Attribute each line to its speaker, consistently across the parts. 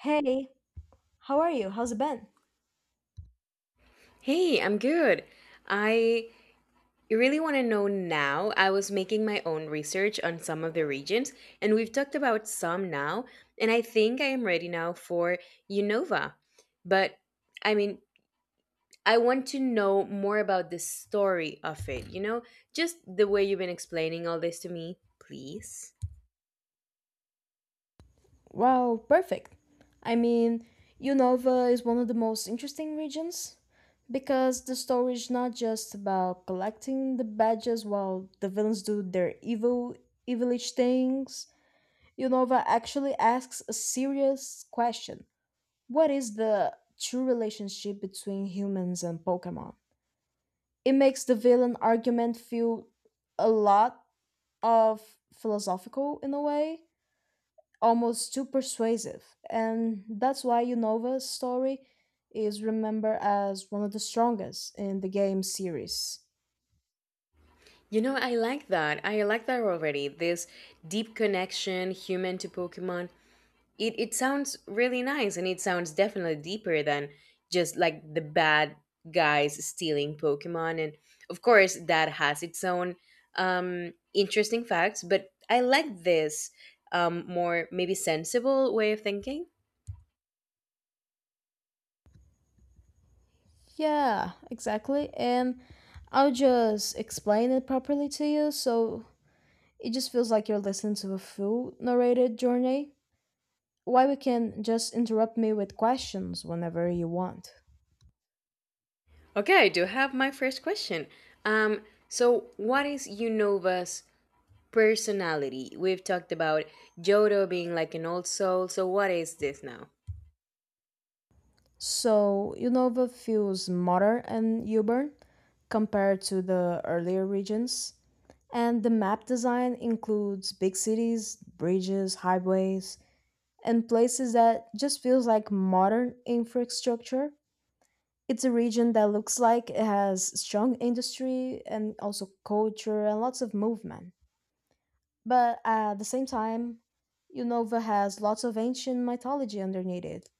Speaker 1: Hey, how are you? How's it been?
Speaker 2: Hey, I'm good. I really want to know now. I was making my own research on some of the regions, and we've talked about some now, and I think I am ready now for UNOVA. But I mean, I want to know more about the story of it, you know? Just the way you've been explaining all this to me, please.
Speaker 1: Wow, perfect. I mean, Unova is one of the most interesting regions because the story is not just about collecting the badges while the villains do their evil, evilish things. Unova actually asks a serious question. What is the true relationship between humans and Pokemon? It makes the villain argument feel a lot of philosophical in a way almost too persuasive. And that's why Unova's story is remembered as one of the strongest in the game series.
Speaker 2: You know, I like that. I like that already. This deep connection, human to Pokemon. It sounds really nice, and it sounds definitely deeper than just like the bad guys stealing Pokemon. And of course that has its own interesting facts, but I like this more maybe sensible way of thinking.
Speaker 1: Yeah, exactly. And I'll just explain it properly to you so it just feels like you're listening to a full narrated journey. Why we can just interrupt me with questions whenever you want.
Speaker 2: Okay, I do have my first question. um so what is Unova's personality? We've talked about Jodo being like an old soul, so what is this now?
Speaker 1: So Unova feels smaller and urban compared to the earlier regions. And the map design includes big cities, bridges, highways, and places that just feels like modern infrastructure. It's a region that looks like it has strong industry and also culture and lots of movement. But at the same time, Unova has lots of ancient mythology underneath it.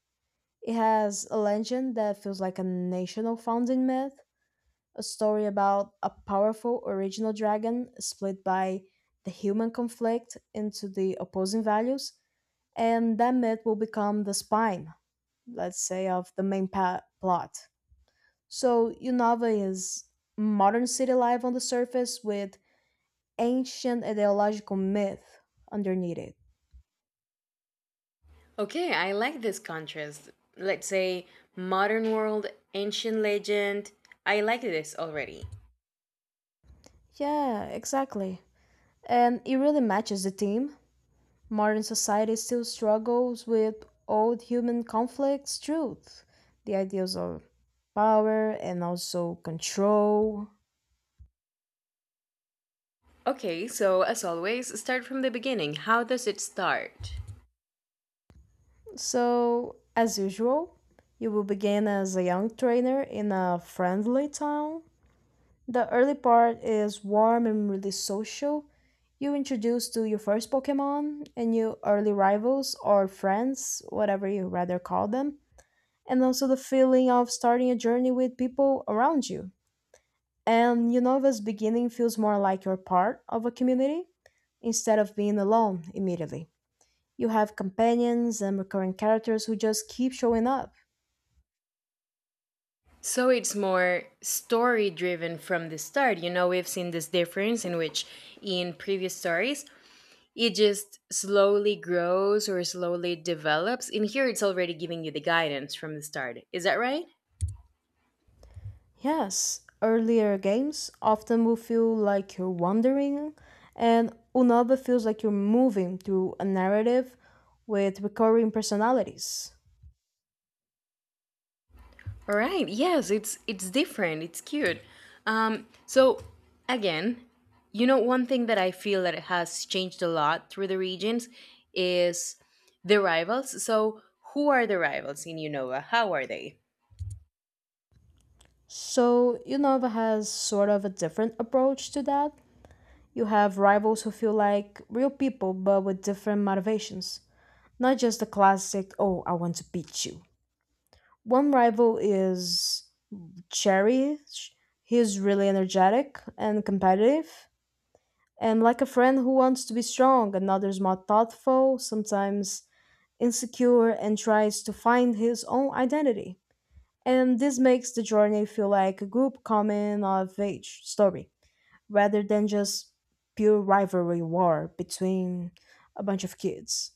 Speaker 1: It has a legend that feels like a national founding myth, a story about a powerful original dragon split by the human conflict into the opposing values, and that myth will become the spine, let's say, of the main plot. So, Unova is modern city life on the surface with ancient ideological myth underneath it.
Speaker 2: Okay, I like this contrast. Let's say modern world, ancient legend. I like this already.
Speaker 1: Yeah, exactly. And it really matches the theme. Modern society still struggles with old human conflicts, truth, the ideals of power, and also control.
Speaker 2: Okay, so as always, start from the beginning. How does it start?
Speaker 1: So, as usual, you will begin as a young trainer in a friendly town. The early part is warm and really social. You introduce to your first Pokemon and your early rivals or friends, whatever you rather call them, and also the feeling of starting a journey with people around you. And you know, this beginning feels more like you're part of a community instead of being alone immediately. You have companions and recurring characters who just keep showing up.
Speaker 2: So it's more story driven from the start. You know, we've seen this difference in which in previous stories, it just slowly grows or slowly develops. In here, it's already giving you the guidance from the start. Is that right?
Speaker 1: Yes, earlier games often will feel like you're wandering, and Unova feels like you're moving through a narrative with recurring personalities.
Speaker 2: All right. Yes, it's different. It's cute. So again, you know, one thing that I feel that it has changed a lot through the regions is the rivals. So who are the rivals in Unova? How are they?
Speaker 1: So, Unova has sort of a different approach to that. You have rivals who feel like real people but with different motivations. Not just the classic, oh, I want to beat you. One rival is Cherry. He's really energetic and competitive. And like a friend who wants to be strong, another's more thoughtful, sometimes insecure, and tries to find his own identity. And this makes the journey feel like a group coming of age story rather than just pure rivalry war between a bunch of kids.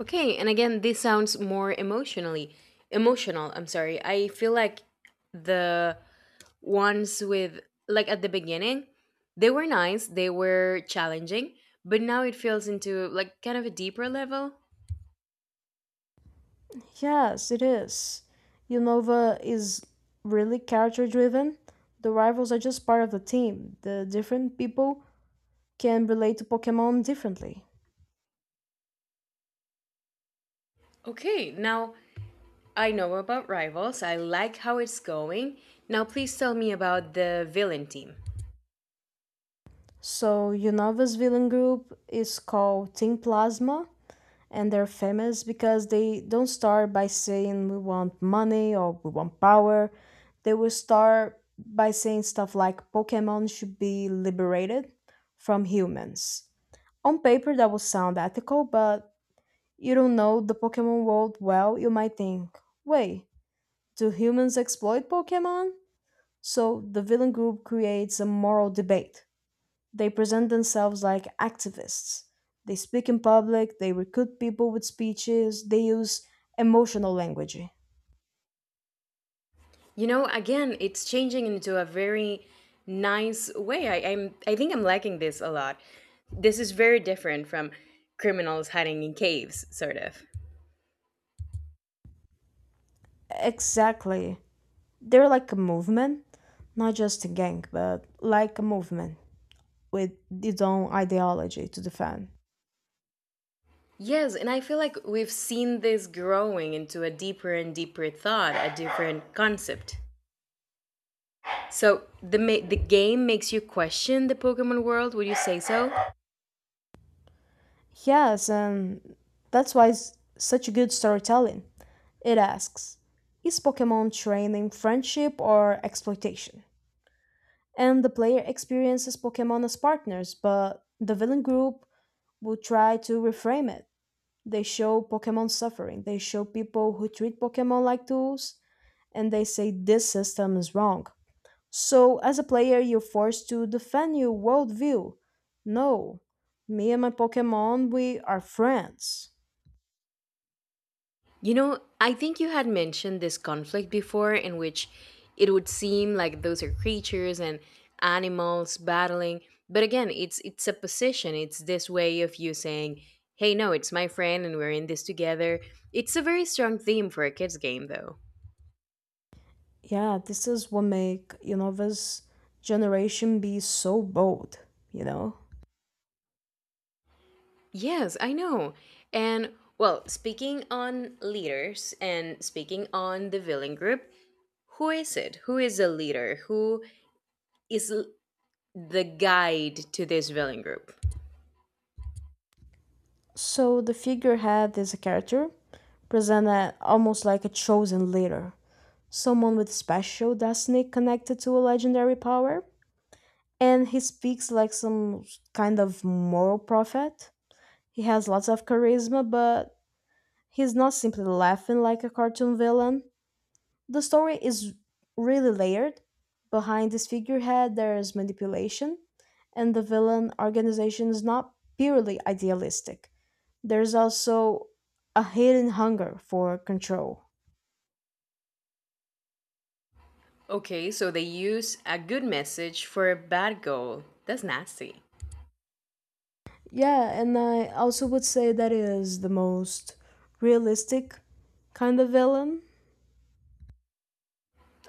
Speaker 2: Okay, and again, this sounds more emotional. I'm sorry. I feel like the ones with like at the beginning, they were nice. They were challenging, but now it feels into like kind of a deeper level.
Speaker 1: Yes, it is. Unova is really character driven. The rivals are just part of the team. The different people can relate to Pokemon differently.
Speaker 2: Okay, now I know about Rivals. I like how it's going. Now, please tell me about the villain team.
Speaker 1: So, Unova's villain group is called Team Plasma, and they're famous because they don't start by saying we want money or we want power. They will start by saying stuff like Pokemon should be liberated from humans. On paper, that would sound ethical, but you don't know the Pokemon world well, you might think, wait, do humans exploit Pokemon? So the villain group creates a moral debate. They present themselves like activists. They speak in public, they recruit people with speeches, they use emotional language.
Speaker 2: You know, again, it's changing into a very nice way. I think I'm liking this a lot. This is very different from criminals hiding in caves, sort of.
Speaker 1: Exactly. They're like a movement, not just a gang, but like a movement with its own ideology to defend.
Speaker 2: Yes, and I feel like we've seen this growing into a deeper and deeper thought, a different concept. So the game makes you question the Pokemon world. Would you say so?
Speaker 1: Yes, and that's why it's such a good storytelling. It asks, is Pokemon training friendship or exploitation? And the player experiences Pokemon as partners, but the villain group will try to reframe it. They show Pokemon suffering. They show people who treat Pokemon like tools and they say this system is wrong. So, as a player, you're forced to defend your worldview. No, me and my Pokemon, we are friends.
Speaker 2: You know, I think you had mentioned this conflict before, in which it would seem like those are creatures and animals battling, but again, it's a position. It's this way of you saying, "Hey, no, it's my friend and we're in this together." It's a very strong theme for a kids game though.
Speaker 1: Yeah, this is what make you know this generation be so bold. You know.
Speaker 2: Yes, I know. And well, speaking on leaders and speaking on the villain group, who is it? Who is the leader? Is l- the guide to this villain group?
Speaker 1: So the figurehead is a character presented almost like a chosen leader, someone with special destiny connected to a legendary power. And he speaks like some kind of moral prophet. He has lots of charisma, but he's not simply laughing like a cartoon villain. The story is really layered. Behind this figurehead, there is manipulation, and the villain organization is not purely idealistic. There's also a hidden hunger for control.
Speaker 2: Okay, so they use a good message for a bad goal. That's nasty.
Speaker 1: Yeah, and I also would say that is the most realistic kind of villain.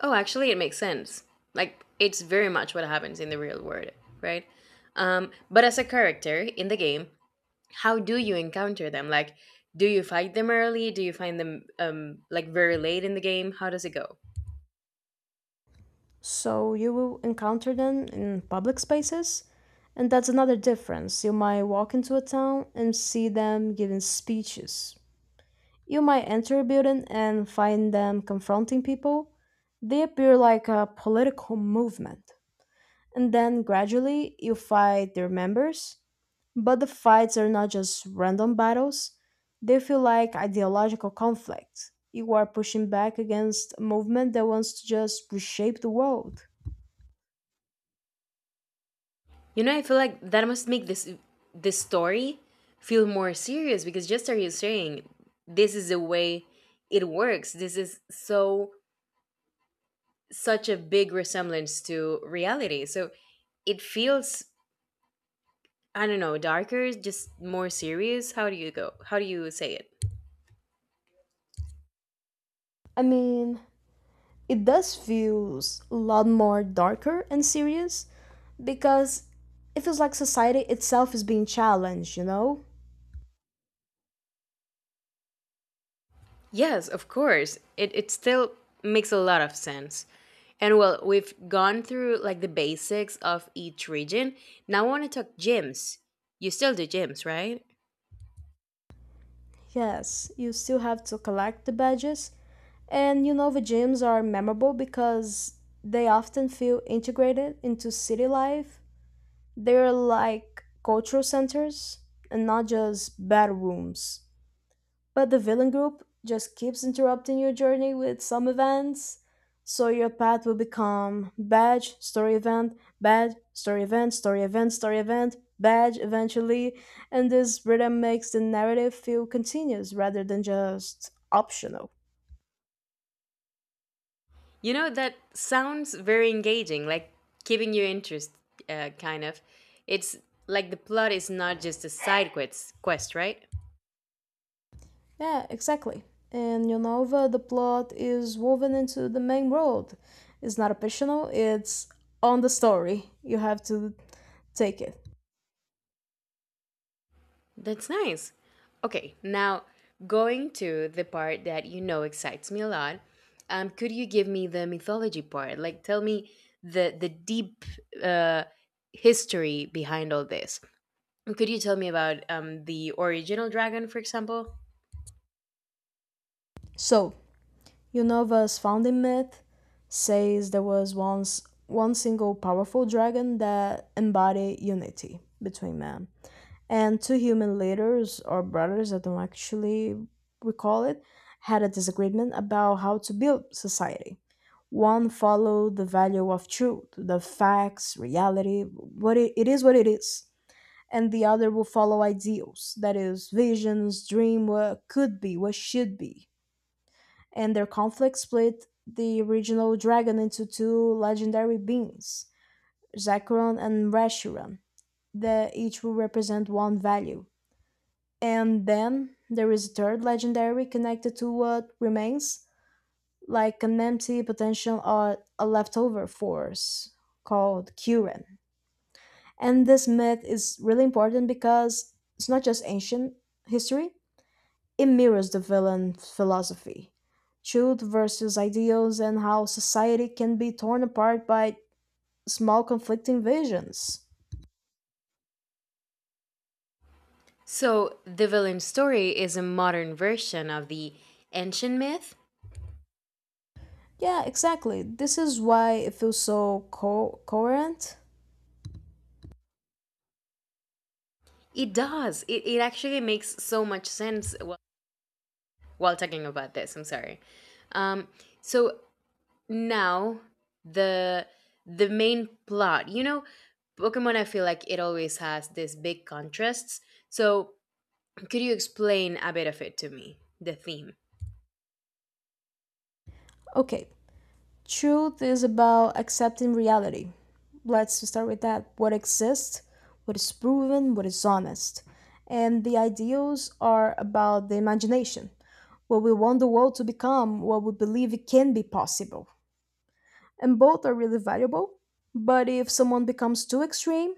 Speaker 2: Oh, actually, it makes sense. Like, it's very much what happens in the real world, right? But as a character in the game, how do you encounter them? Like, do you fight them early? Do you find them like very late in the game? How does it go?
Speaker 1: So you will encounter them in public spaces, and that's another difference. You might walk into a town and see them giving speeches. You might enter a building and find them confronting people. They appear like a political movement, and then gradually you fight their members. But the fights are not just random battles, they feel like ideological conflict. You are pushing back against a movement that wants to just reshape the world.
Speaker 2: You know, I feel like that must make this story feel more serious, because just as you're saying, this is the way it works. This is so such a big resemblance to reality. So it feels, I don't know, darker, just more serious. How do you go? How do you say it?
Speaker 1: I mean, it does feels a lot more darker and serious because it feels like society itself is being challenged, you know?
Speaker 2: Yes, of course. It still makes a lot of sense. And well, we've gone through like the basics of each region. Now I want to talk gyms. You still do gyms, right?
Speaker 1: Yes, you still have to collect the badges, and you know the gyms are memorable because they often feel integrated into city life. They're like cultural centers and not just bedrooms. But the villain group just keeps interrupting your journey with some events, so your path will become badge, story event, story event, story event, badge eventually, and this rhythm makes the narrative feel continuous rather than just optional.
Speaker 2: You know that sounds very engaging, like keeping you interest, kind of. It's like the plot is not just a side quest, quest, right?
Speaker 1: Yeah, exactly. In your novel, the plot is woven into the main world. It's not optional, it's on the story. You have to take it.
Speaker 2: That's nice. Okay, now going to the part that you know excites me a lot. Could you give me the mythology part? Like, tell me the deep uh, history behind all this. And could you tell me about the original dragon, for example?
Speaker 1: So, Yunova's founding myth says there was once one single powerful dragon that embodied unity between men. And two human leaders or brothers, I don't actually recall it, had a disagreement about how to build society. One followed the value of truth, the facts, reality, what it is what it is. And the other will follow ideals, that is, visions, dream, what could be, what should be, and their conflict split the original dragon into two legendary beings, Zekron and Reshiram, that each will represent one value. And then there is a third legendary connected to what remains, like an empty potential or a leftover force called Kuren. And this myth is really important because it's not just ancient history. It mirrors the villain's philosophy: truth versus ideals and how society can be torn apart by small conflicting visions.
Speaker 2: So, the villain story is a modern version of the ancient myth.
Speaker 1: Yeah, exactly. This is why it feels so coherent.
Speaker 2: It does. It actually makes so much sense while talking about this. I'm sorry. Um, so, now the the main plot, you know, Pokemon, I feel like it always has this big contrasts. So could you explain a bit of it to me, the theme?
Speaker 1: Okay, truth is about accepting reality. Let's start with that. What exists, what is proven, what is honest. And the ideals are about the imagination, what we want the world to become, what we believe it can be possible. And both are really valuable. But if someone becomes too extreme,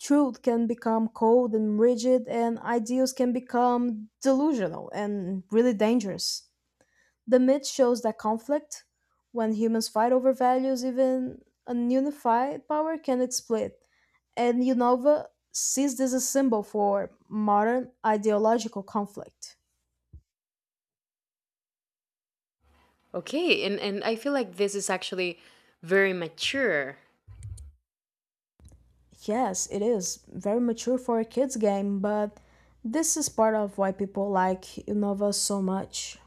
Speaker 1: truth can become cold and rigid, and ideals can become delusional and really dangerous. The myth shows that conflict, when humans fight over values, even ununified power can split. And Unova sees this as a symbol for modern ideological conflict.
Speaker 2: Okay, and I feel like this is actually very mature.
Speaker 1: Yes, it is very mature for a kids game, but this is part of why people like Innova so much.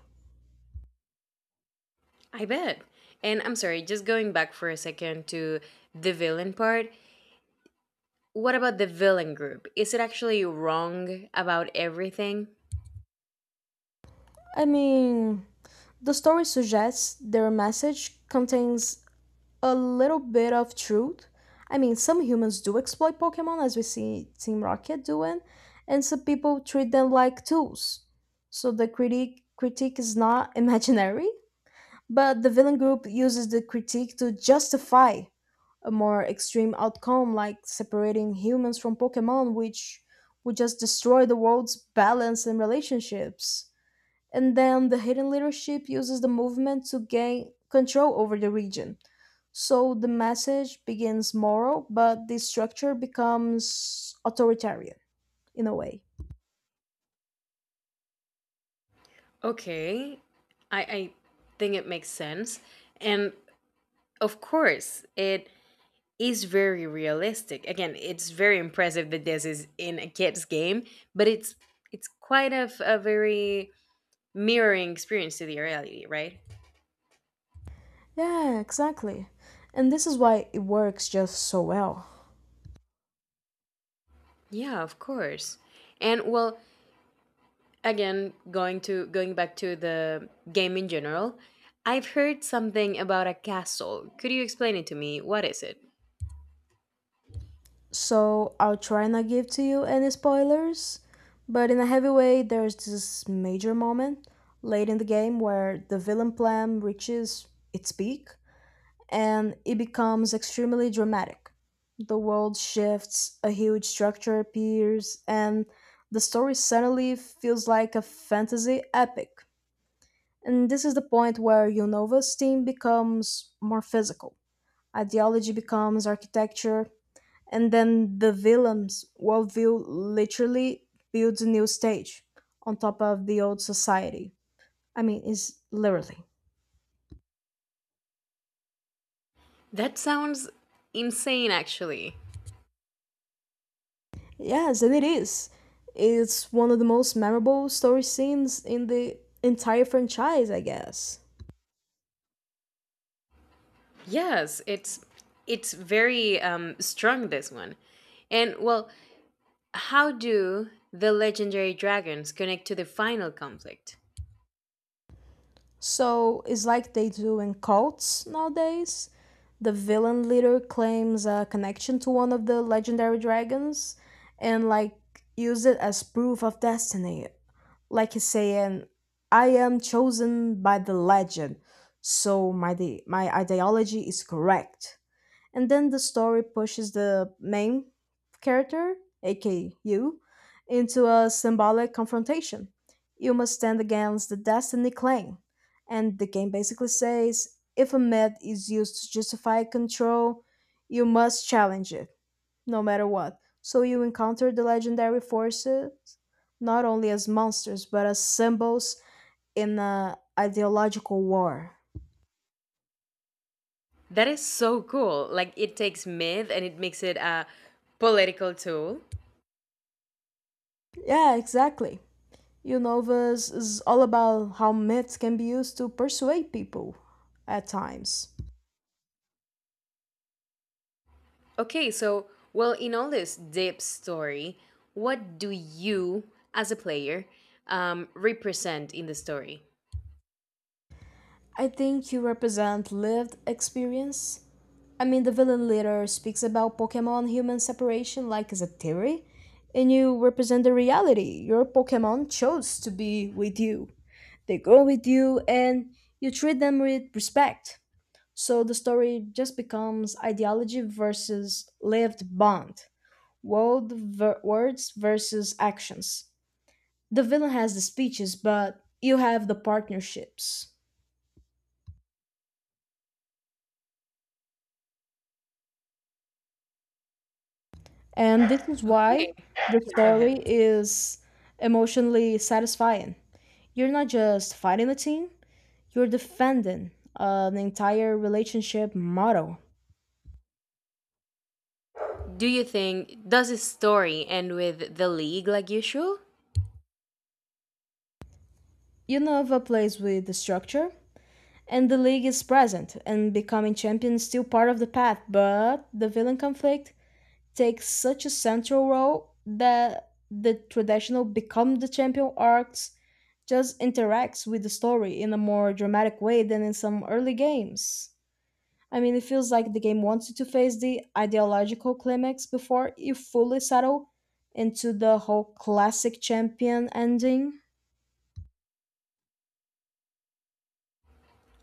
Speaker 2: I bet. And I'm sorry, just going back for a second to the villain part, what about the villain group? Is it actually wrong about everything?
Speaker 1: I mean, the story suggests their message contains a little bit of truth. I mean, some humans do exploit Pokemon as we see Team Rocket doing, and some people treat them like tools. So the critique is not imaginary. But the villain group uses the critique to justify a more extreme outcome, like separating humans from Pokemon, which would just destroy the world's balance and relationships. And then the hidden leadership uses the movement to gain control over the region. So the message begins moral, but the structure becomes authoritarian in a way.
Speaker 2: Okay, I think it makes sense. And of course, it is very realistic. Again, it's very impressive that this is in a kid's game, but it's quite a, a very mirroring experience to the reality, right?
Speaker 1: Yeah, exactly. And this is why it works just so well.
Speaker 2: Yeah, of course. And well, again, going back to the game in general, I've heard something about a castle. Could you explain it to me? What is it?
Speaker 1: So I'll try not give to you any spoilers, but in a heavy way, there's this major moment late in the game where the villain plan reaches its peak and it becomes extremely dramatic. The world shifts, a huge structure appears, and the story suddenly feels like a fantasy epic. And this is the point where Unova's team becomes more physical. Ideology becomes architecture, and then the villain's worldview literally builds a new stage on top of the old society. I mean, it's literally.
Speaker 2: That sounds insane actually.
Speaker 1: Yes, and it is. It's one of the most memorable story scenes in the entire franchise, I guess.
Speaker 2: Yes, it's very strong this one. And well, how do the legendary dragons connect to the final conflict?
Speaker 1: So it's like they do in cults nowadays. The villain leader claims a connection to one of the legendary dragons and, like, use it as proof of destiny, like he's saying, I am chosen by the legend, so my my ideology is correct. And then the story pushes the main character, aka you, into a symbolic confrontation. You must stand against the Destiny claim. And the game basically says if a myth is used to justify control, you must challenge it no matter what. So you encounter the legendary forces not only as monsters but as symbols in a ideological war.
Speaker 2: That is so cool. Like it takes myth and it makes it a political tool.
Speaker 1: Yeah, exactly. Unovas is all about how myths can be used to persuade people at times.
Speaker 2: Okay, so well, in all this deep story, what do you as a player represent in the story?
Speaker 1: I think you represent lived experience. I mean, the villain leader speaks about Pokemon human separation like as a theory, and you represent the reality. Your Pokemon chose to be with you. They grow with you and you treat them with respect. So the story just becomes ideology versus lived bond, words versus actions. The villain has the speeches, but you have the partnerships. And this is why
Speaker 2: Okay.
Speaker 1: the
Speaker 2: Yeah, go
Speaker 1: story
Speaker 2: ahead.
Speaker 1: is emotionally satisfying. You're not just fighting a team, you're defending an entire relationship model.
Speaker 2: Do you think, does the story end with the league like usual?
Speaker 1: You never plays with the structure, and the league is present and becoming champion is still part of the path, but the villain conflict takes such a central role that the traditional become the champion arcs just interacts with the story in a more dramatic way than in some early games. I mean, it feels like the game wants you to face the ideological climax before you fully settle into the whole classic champion ending.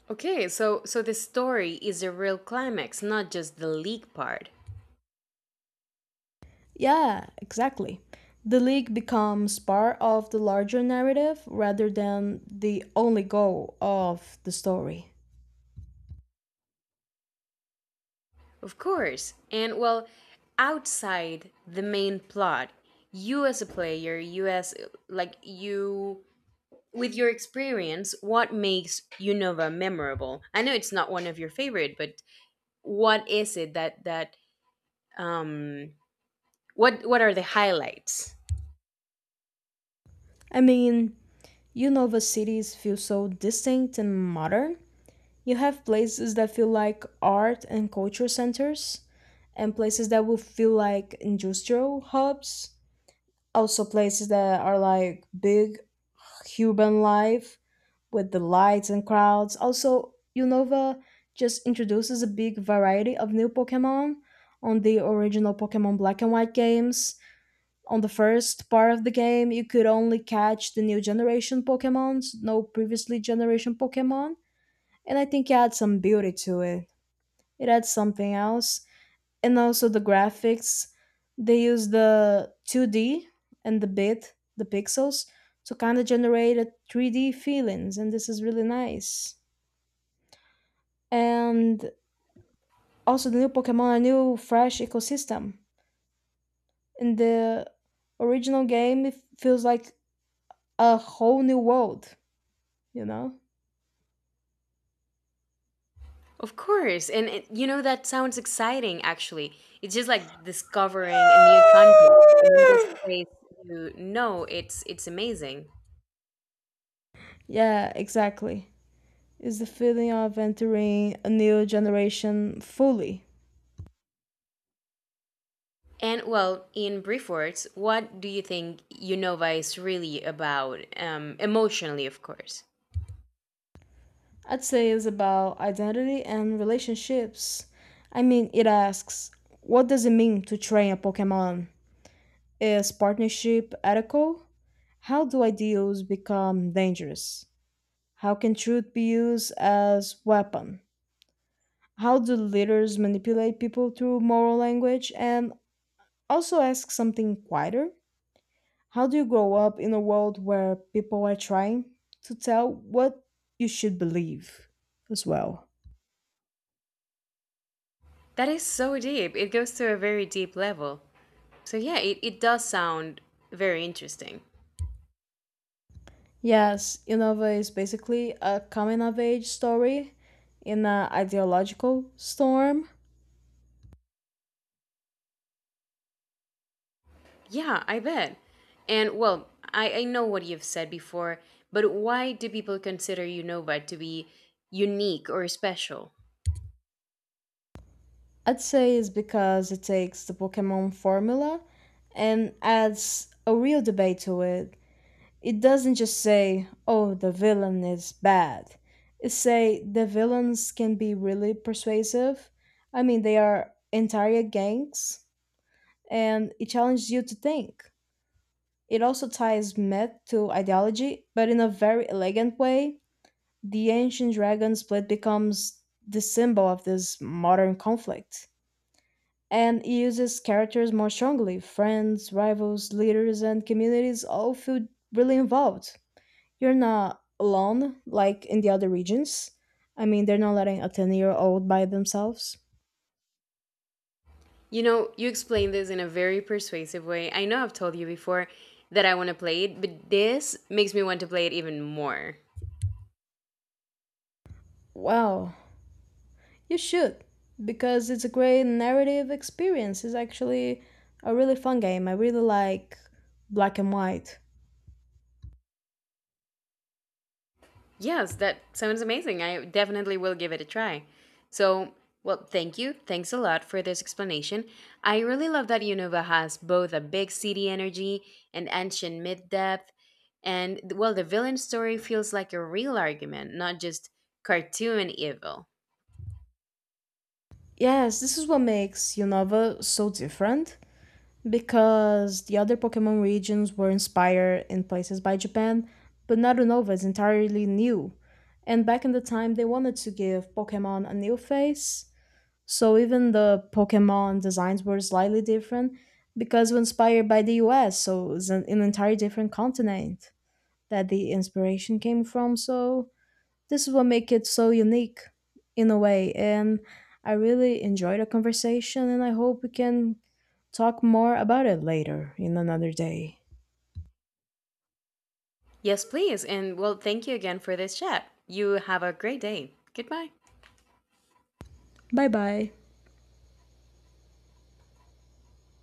Speaker 2: Okay, so so the story is the real climax, not just the leak part.
Speaker 1: Yeah, exactly. The league becomes part of the larger narrative rather than the only goal of the story.
Speaker 2: Of course. And well, outside the main plot, you as a player, you as like you with your experience, what makes Unova memorable? I know it's not one of your favorite, but what is it that um what are the highlights?
Speaker 1: I mean, Unova cities feel so distinct and modern. You have places that feel like art and culture centers, and places that will feel like industrial hubs. Also, places that are like big Cuban life with the lights and crowds. Also, Unova just introduces a big variety of new Pokemon on the original Pokemon Black and White games. On the first part of the game, you could only catch the new generation Pokemons, no previously generation Pokemon, and I think it adds some beauty to it. It adds something else, and also the graphics, they use the 2D and the pixels to kind of generate a 3D feelings, and this is really nice. And also the new pokemon, a new fresh ecosystem in the original game, it feels like a whole new world you know
Speaker 2: Of course. And it, you know, that sounds exciting, actually. It's just like discovering a new continent. And in this place, you know, it's amazing.
Speaker 1: yeah, exactly. It's the feeling of entering a new generation fully.
Speaker 2: And well, in brief words, what do you think Unova is really about? Emotionally, of course.
Speaker 1: I'd say is about identity and relationships. I mean, it asks, what does it mean to train a Pokemon? Is partnership ethical? How do ideals become dangerous? How can truth be used as weapon? How do leaders manipulate people through moral language? And also ask something quieter. How do you grow up in a world where people are trying to tell what you should believe as well?
Speaker 2: That is so deep. It goes to a very deep level. So yeah, it does sound very interesting.
Speaker 1: Yes, Inova is basically a coming of age story in an ideological storm.
Speaker 2: Yeah, I bet. And well, I know what you've said before, but why do people consider Unova to be unique or special?
Speaker 1: I'd say it's because it takes the Pokemon formula and adds a real debate to it. It doesn't just say, oh, the villain is bad. It say the villains can be really persuasive. I mean, they are entire gangs and it challenges you to think. It also ties myth to ideology, but in a very elegant way. The ancient dragon split becomes the symbol of this modern conflict, and it uses characters more strongly. Friends, rivals, leaders, and communities all feel really involved. You're not alone like in the other regions. I mean, they're not letting a 10-year-old by themselves.
Speaker 2: You know, you explained this in a very persuasive way. I know I've told you before that I want to play it, but this makes me want to play it even more.
Speaker 1: Wow, you should, because it's a great narrative experience. It's actually a really fun game. I really like black and white.
Speaker 2: Yes, that sounds amazing. I definitely will give it a try. So, well, thank you. Thanks a lot for this explanation. I really love that Unova has both a big city energy and ancient myth depth. And well, the villain story feels like a real argument, not just cartoon evil.
Speaker 1: Yes, this is what makes Unova so different, because the other Pokemon regions were inspired in places by Japan, but not Unova is entirely new. And back in the time, they wanted to give Pokemon a new face, so even the Pokemon designs were slightly different because we're inspired by the US, so it's an entirely different continent that the inspiration came from. So this is what make it so unique in a way, and I really enjoyed the conversation, and I hope we can talk more about it later in another day.
Speaker 2: Yes, please. And well, thank you again for this chat. You have a great day. Goodbye.
Speaker 1: Bye bye.